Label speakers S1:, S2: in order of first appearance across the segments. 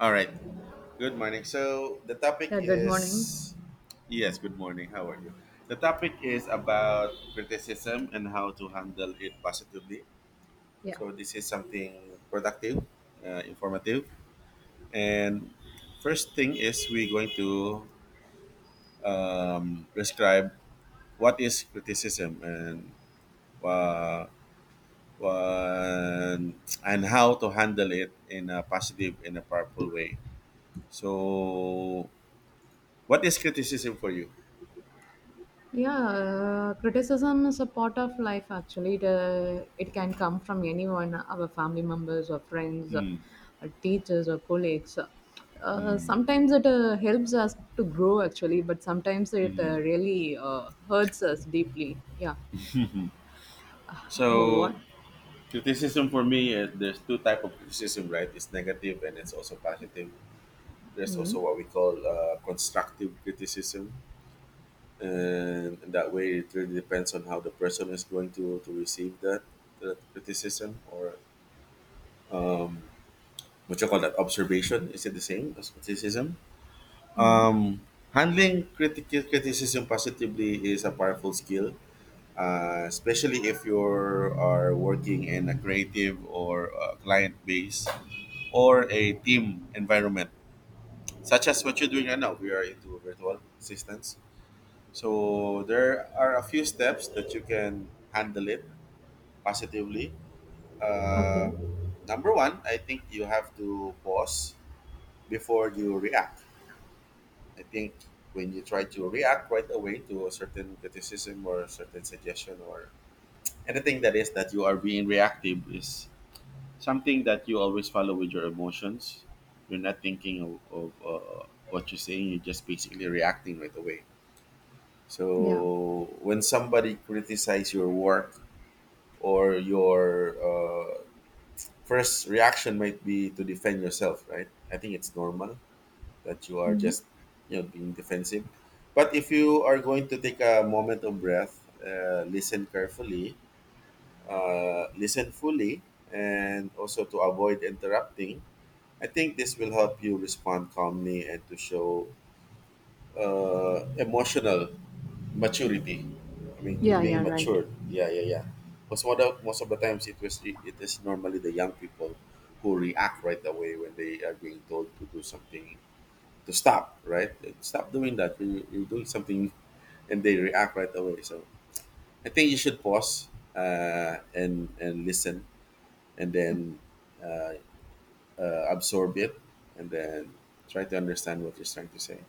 S1: All right. Good morning. So the topic
S2: Yeah, good morning.
S1: is yes. Good morning. How are you? The topic is about criticism and how to handle it positively.
S2: Yeah.
S1: So this is something productive, informative, and first thing is we're going to describe what is criticism and uh, and how to handle it in a positive, in a powerful way. So, what is criticism for you?
S2: Yeah, criticism is a part of life actually. It can come from anyone, our family members or friends,
S1: Mm,
S2: or teachers or colleagues.
S1: mm,
S2: Sometimes it helps us to grow actually, but sometimes it
S1: mm.
S2: really hurts us deeply. Yeah. Oh,
S1: So
S2: what?
S1: criticism for me, there's two type of criticism, right? It's negative and it's also positive. There's
S2: Mm-hmm.
S1: also what we call constructive criticism, and that way it really depends on how the person is going to receive that criticism or what you call that observation. Is it the same as criticism?
S2: Hmm.
S1: Um, Handling critical criticism positively is a powerful skill, especially if you are working in a creative or a client base or a team environment, such as what you're doing right now. We are into virtual assistants. So there are a few steps that you can handle it positively. Uh,
S2: Okay.
S1: Number one, I think you have to pause before you react. I think when you try to react right away to a certain criticism or a certain suggestion or anything that is that you are being reactive is something that you always follow with your emotions. You're not thinking of what you're saying. You're just basically reacting right away.
S2: Yeah.
S1: So when somebody criticizes your work or your first reaction might be to defend yourself, right? I think it's normal that you are
S2: Hmm.
S1: just you know being defensive. But if you are going to take a moment of breath, listen carefully, listen fully, and also to avoid interrupting, I think this will help you respond calmly and to show emotional maturity. I mean, you're
S2: Yeah,
S1: being
S2: yeah, right.
S1: matured. Yeah, yeah, yeah. Because most of the times, it is normally the young people who react right away when they are being told to do something, to stop. Right, stop doing that. You're doing something, and they react right away. So I think you should pause, and listen, and then. Uh, Absorb it, and then try to understand what you're trying to say.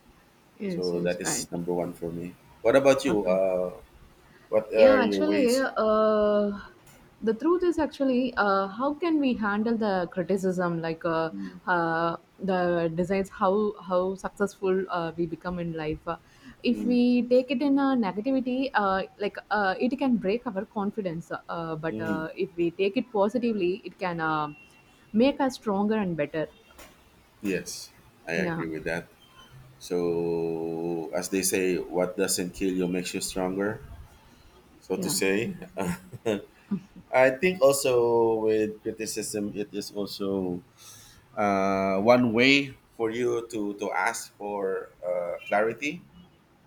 S2: Yes,
S1: So that
S2: yes,
S1: is
S2: right.
S1: number one for me. What about you?
S2: Okay.
S1: What are
S2: Yeah,
S1: your
S2: actually,
S1: ways?
S2: the truth is actually, how can we handle the criticism, like,
S1: Mm,
S2: the decides how successful, we become in life. If
S1: mm,
S2: we take it in a negativity, like, it can break our confidence. But
S1: mm.
S2: if we take it positively, it can make us stronger and better.
S1: Yes, I agree
S2: Yeah,
S1: with that. So, as they say, what doesn't kill you makes you stronger, so to
S2: yeah,
S1: say. I think also with criticism, it is also one way for you to ask for clarity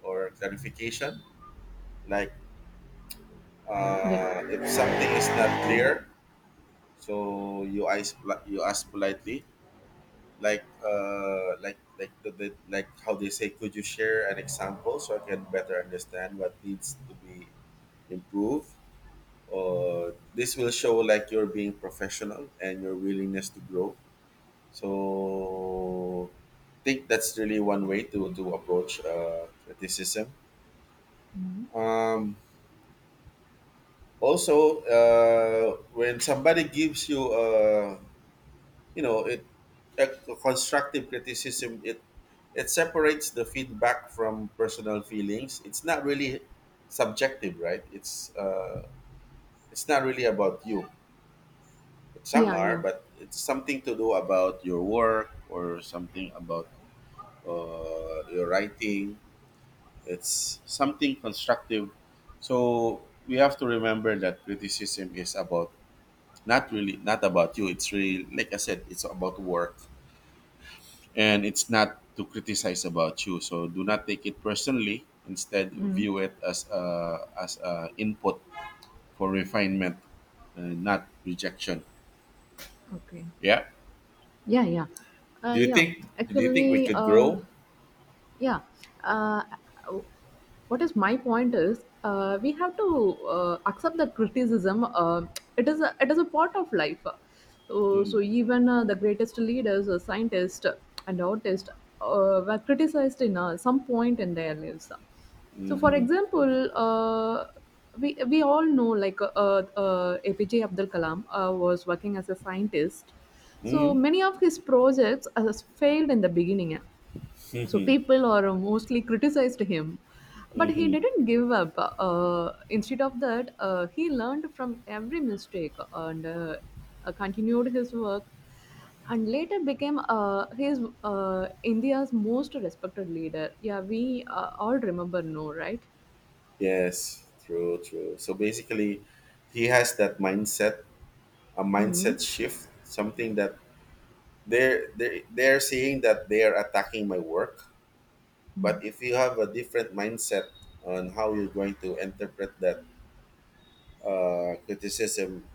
S1: or clarification. Like
S2: yeah.
S1: if something is not clear, so you ask politely, like like how they say, could you share an example so I can better understand what needs to be improved, or this will show like you're being professional and your willingness to grow. So I think that's really one way to approach criticism.
S2: Mhm.
S1: um, Also, when somebody gives you a you know it a constructive criticism, it separates the feedback from personal feelings. It's not really subjective, right? It's it's not really about you, but some
S2: Yeah,
S1: are,
S2: yeah.
S1: but it's something to do about your work or something about your writing. It's something constructive. So we have to remember that criticism is about not really not about you. It's really, like I said, it's about work, and it's not to criticize about you. So do not take it personally. Instead,
S2: Mm.
S1: view it as a input for refinement, not rejection.
S2: Okay.
S1: Yeah.
S2: Yeah, yeah,
S1: Do you
S2: yeah.
S1: think? Do you think we
S2: Actually,
S1: could grow?
S2: yeah. Uh, what is my point is, we have to accept that criticism, it is a part of life. So even, the greatest leaders, scientists and artists, were criticized in, some point in their lives. So for example, we all know, like, APJ Abdul Kalam was working as a scientist. So
S1: Mm-hmm,
S2: many of his projects has failed in the beginning, so people are mostly criticized him, but he
S1: mm-hmm.
S2: didn't give up. Instead of that, he learned from every mistake, and continued his work, and later became, his, India's most respected leader. Yeah, we all remember, no? Right.
S1: Yes. True. True. So basically, he has that mindset, a
S2: Hmm.
S1: mindset shift, something that they're saying that they are attacking my work. But if you have a different mindset on how you're going to interpret that criticism,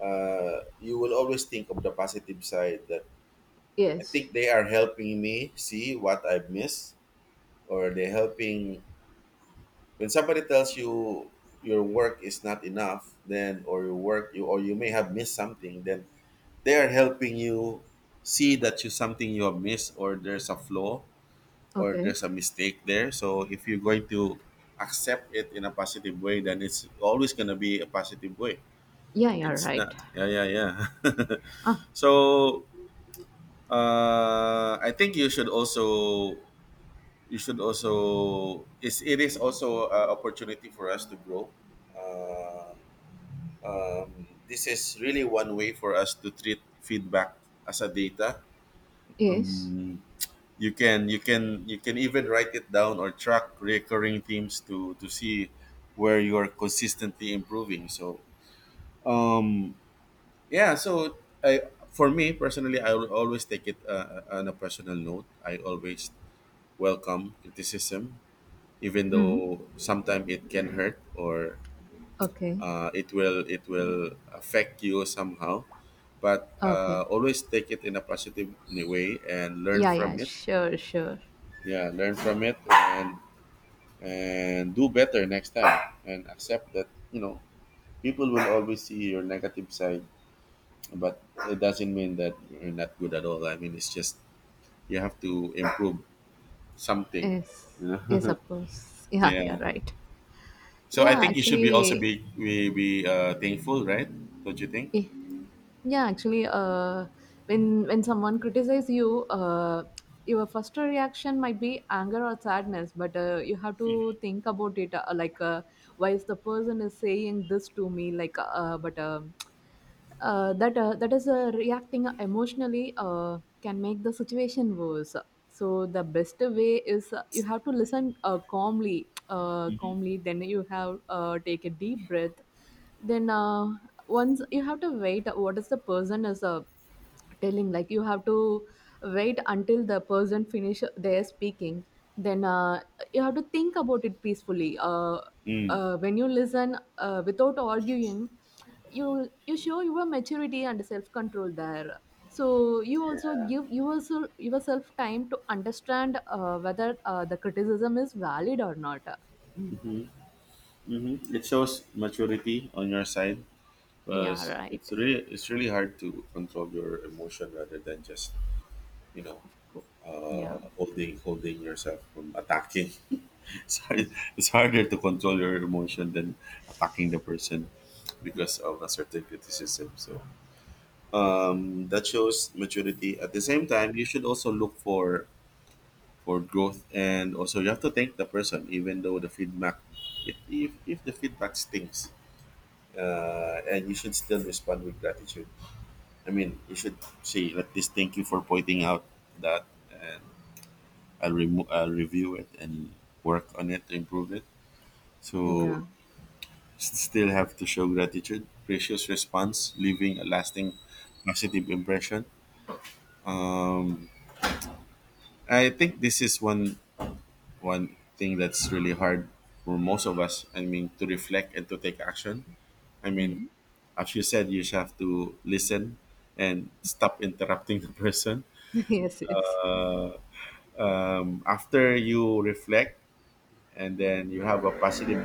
S1: you will always think of the positive side that I
S2: Yes.
S1: think they are helping me see what I've missed, or they're helping. When somebody tells you your work is not enough, then, or your work you or you may have missed something, then they are helping you see that you something you have missed, or there's a flaw or
S2: Okay.
S1: there's a mistake there. So if you're going to accept it in a positive way, then it's always gonna be a positive way.
S2: Yeah, yeah,
S1: It's not.
S2: right.
S1: Yeah, yeah, yeah.
S2: Ah.
S1: So I think you should also, you should also it's, it is also an opportunity for us to grow. Uh, this is really one way for us to treat feedback as a data.
S2: Yes.
S1: Um, you can you can even write it down or track recurring themes to see where you are consistently improving. So um, yeah, so I, for me personally, I will always take it on a personal note. I always welcome criticism, even
S2: Mm.
S1: though sometimes it can hurt, or
S2: Okay.
S1: it will affect you somehow. But
S2: Okay,
S1: always take it in a positive way and learn
S2: yeah, yeah,
S1: from it.
S2: sure, sure.
S1: Yeah, learn from it, and do better next time, and accept that you know people will always see your negative side, but it doesn't mean that you're not good at all. I mean, it's just you have to improve something.
S2: Yes,
S1: Yeah.
S2: yes, of course. Yeah, yeah,
S1: Yeah.
S2: right.
S1: So I
S2: Yeah,
S1: think you should be also
S2: actually,
S1: be thankful, right? Don't you think?
S2: eh, yeah, actually, when someone criticizes you, your first reaction might be anger or sadness, but you have to think about it, like, why is the person is saying this to me? Like, but. That is, reacting emotionally can make the situation worse. So the best way is, you have to listen calmly, then you have, take a deep breath. Then once you have to wait what is the person is, telling, like you have to wait until the person finish their speaking. Then you have to think about it peacefully.
S1: Mm.
S2: When you listen without arguing, you show your maturity and self control there. So you also give yourself time to understand, whether the criticism is valid or not.
S1: Mm-hmm. It shows maturity on your side
S2: Yeah,
S1: because
S2: right.
S1: it's really, it's really hard to control your emotion rather than just you know
S2: Yeah,
S1: holding yourself from attacking. It's hard, it's harder to control your emotion than attacking the person because of a certain criticism. So that shows maturity. At the same time, you should also look for growth, and also you have to thank the person, even though the feedback, if the feedback stinks, and you should still respond with gratitude. I mean, you should say like this: thank you for pointing out that, and I'll review it and work on it to improve it. So
S2: yeah.
S1: s- still have to show gratitude, precious response, leaving a lasting positive impression. I think this is one thing that's really hard for most of us. I mean, to reflect and to take action. I mean,
S2: Mm.
S1: as you said, you just have to listen and stop interrupting the person.
S2: Yes, yes.
S1: After you reflect, and then you have a positive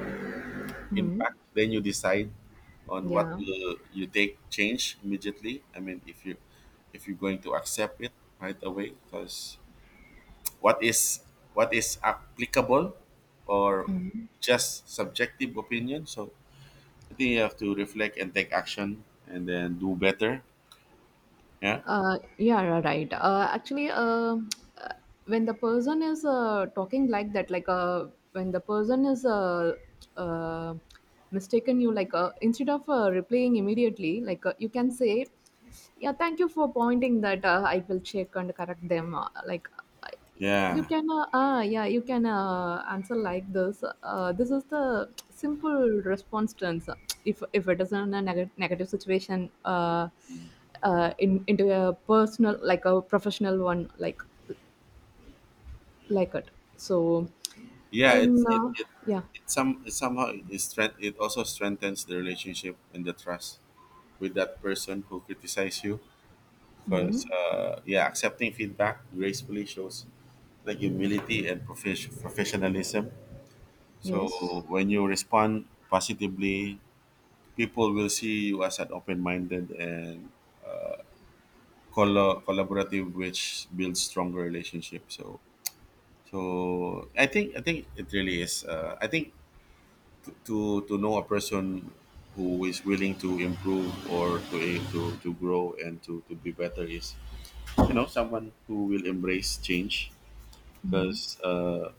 S2: Mm.
S1: impact, then you decide on what
S2: Yeah.
S1: will you take change immediately. I mean, if you, if you're going to accept it right away, because what is, what is applicable, or just subjective opinion. So I think you have to reflect and take action and then do better. Yeah.
S2: Yeah, you right. Actually, uh, when the person is, talking like that, like, when the person is uh, mistaken, you, like, instead of replying immediately, like, you can say, "Yeah, thank you for pointing that. I will check and correct them." Like, you
S1: Yeah,
S2: can, yeah, you can answer like this. This is the simple response terms. If it is in a negative situation, in into a personal, like a professional one, like it. So,
S1: yeah. it's
S2: in,
S1: it, it,
S2: yeah.
S1: it some it somehow it also strengthens the relationship and the trust with that person who criticizes you, because
S2: Mm.
S1: yeah, accepting feedback gracefully shows like humility and professionalism. So
S2: Yes.
S1: when you respond positively, people will see you as an open-minded and collaborative, which builds stronger relationships. So so I think, I think it really is I think to know a person who is willing to improve or to grow and to be better is you know someone who will embrace change,
S2: Mm.
S1: because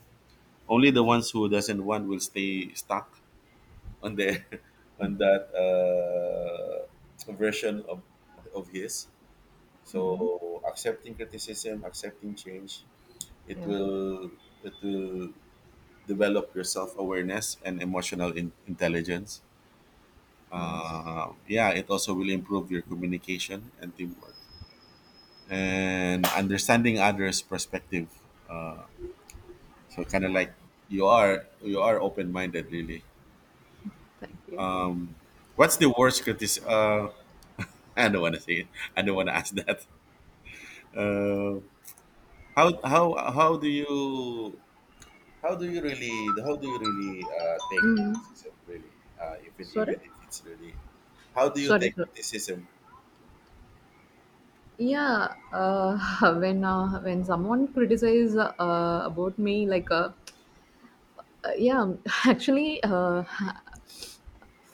S1: only the ones who doesn't want will stay stuck on the
S2: Mm.
S1: on that version of his.
S2: Yeah,
S1: So accepting criticism, accepting change, it
S2: yeah,
S1: will it will develop your self awareness and emotional intelligence.
S2: yes.
S1: Yeah, it also will improve your communication and teamwork and understanding others' perspective. So kind of like you are open minded, really.
S2: Thank you.
S1: What's the worst criticism? I don't want to say it. I don't want to ask that. Uh, how how do you, how do you really? How do you really take
S2: Mm.
S1: criticism? Really, even even
S2: Sorry,
S1: if it's really, how do you
S2: sorry,
S1: take
S2: sorry.
S1: criticism?
S2: Yeah, when someone criticizes, about me, like, yeah, actually,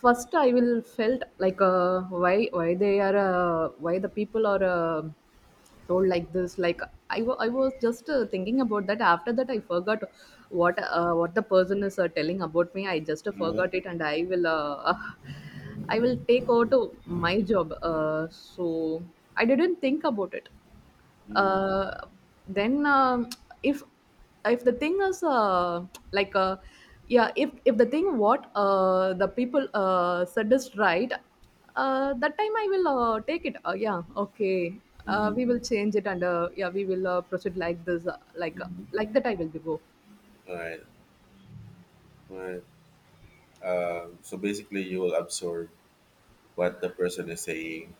S2: first I will felt like, why they are, why the people are, told like this. Like, I was just, thinking about that. After that, I forgot what the person is, telling about me. I just
S1: Mm-hmm.
S2: forgot it, and I will, I will take over to my job. So I didn't think about it, uh, then, if if the thing is, like, yeah, if the thing what, the people, said is right, that time I will, take it, yeah, okay,
S1: Mm-hmm.
S2: we will change it, and yeah, we will proceed like this, like, like that I will be go.
S1: Right. Right. So basically, you will absorb what the person is saying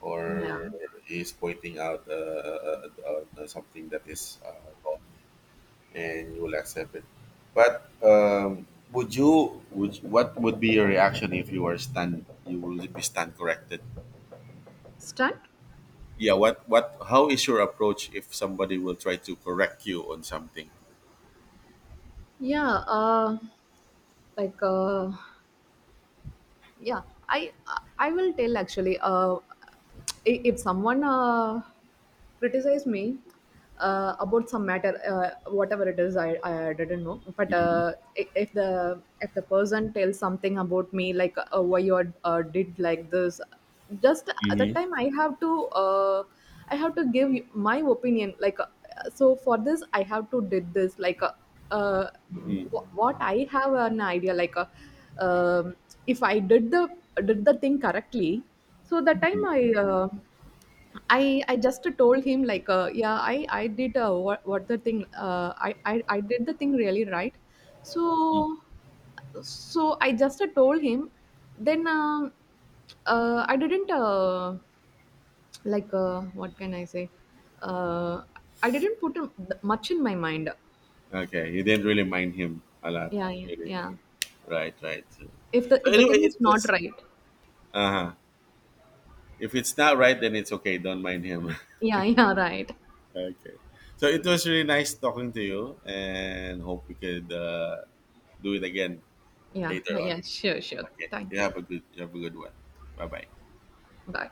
S1: or
S2: Yeah.
S1: is pointing out something that is wrong, and you will accept it. But would you? Would what would be your reaction if you were stand? You will be stand corrected?
S2: Stunt.
S1: Yeah, what how is your approach if somebody will try to correct you on something?
S2: Yeah, like, yeah, i I will tell actually, if someone criticize me, about some matter, whatever it is, I didn't know, but
S1: Hmm,
S2: if the person tells something about me, like, why you are, did like this. Just at that
S1: hmm,
S2: time I have to, I have to give my opinion, like, so for this I have to did this, like, uh,
S1: hmm.
S2: what I have an idea like a, um, if I did the thing correctly, so that time I, I just told him, like, yeah, I did, what the thing, I did the thing really right, so so I just, told him. Then, I didn't, like, what can I say, uh, I didn't put much in my mind.
S1: Okay, you didn't really mind him a lot,
S2: Yeah, yeah,
S1: really,
S2: yeah.
S1: right, right, so,
S2: If the
S1: so
S2: if the
S1: anyway
S2: thing
S1: it
S2: is not
S1: was,
S2: right.
S1: uh-huh, if it's not right then it's okay, don't mind him.
S2: Yeah, yeah, right.
S1: Okay. So it was really nice talking to you, and hope we could do it again
S2: Yeah,
S1: later on.
S2: yeah, sure, sure.
S1: Okay, you
S2: Thank you.
S1: have a good, you have a good one. Bye bye.
S2: Bye.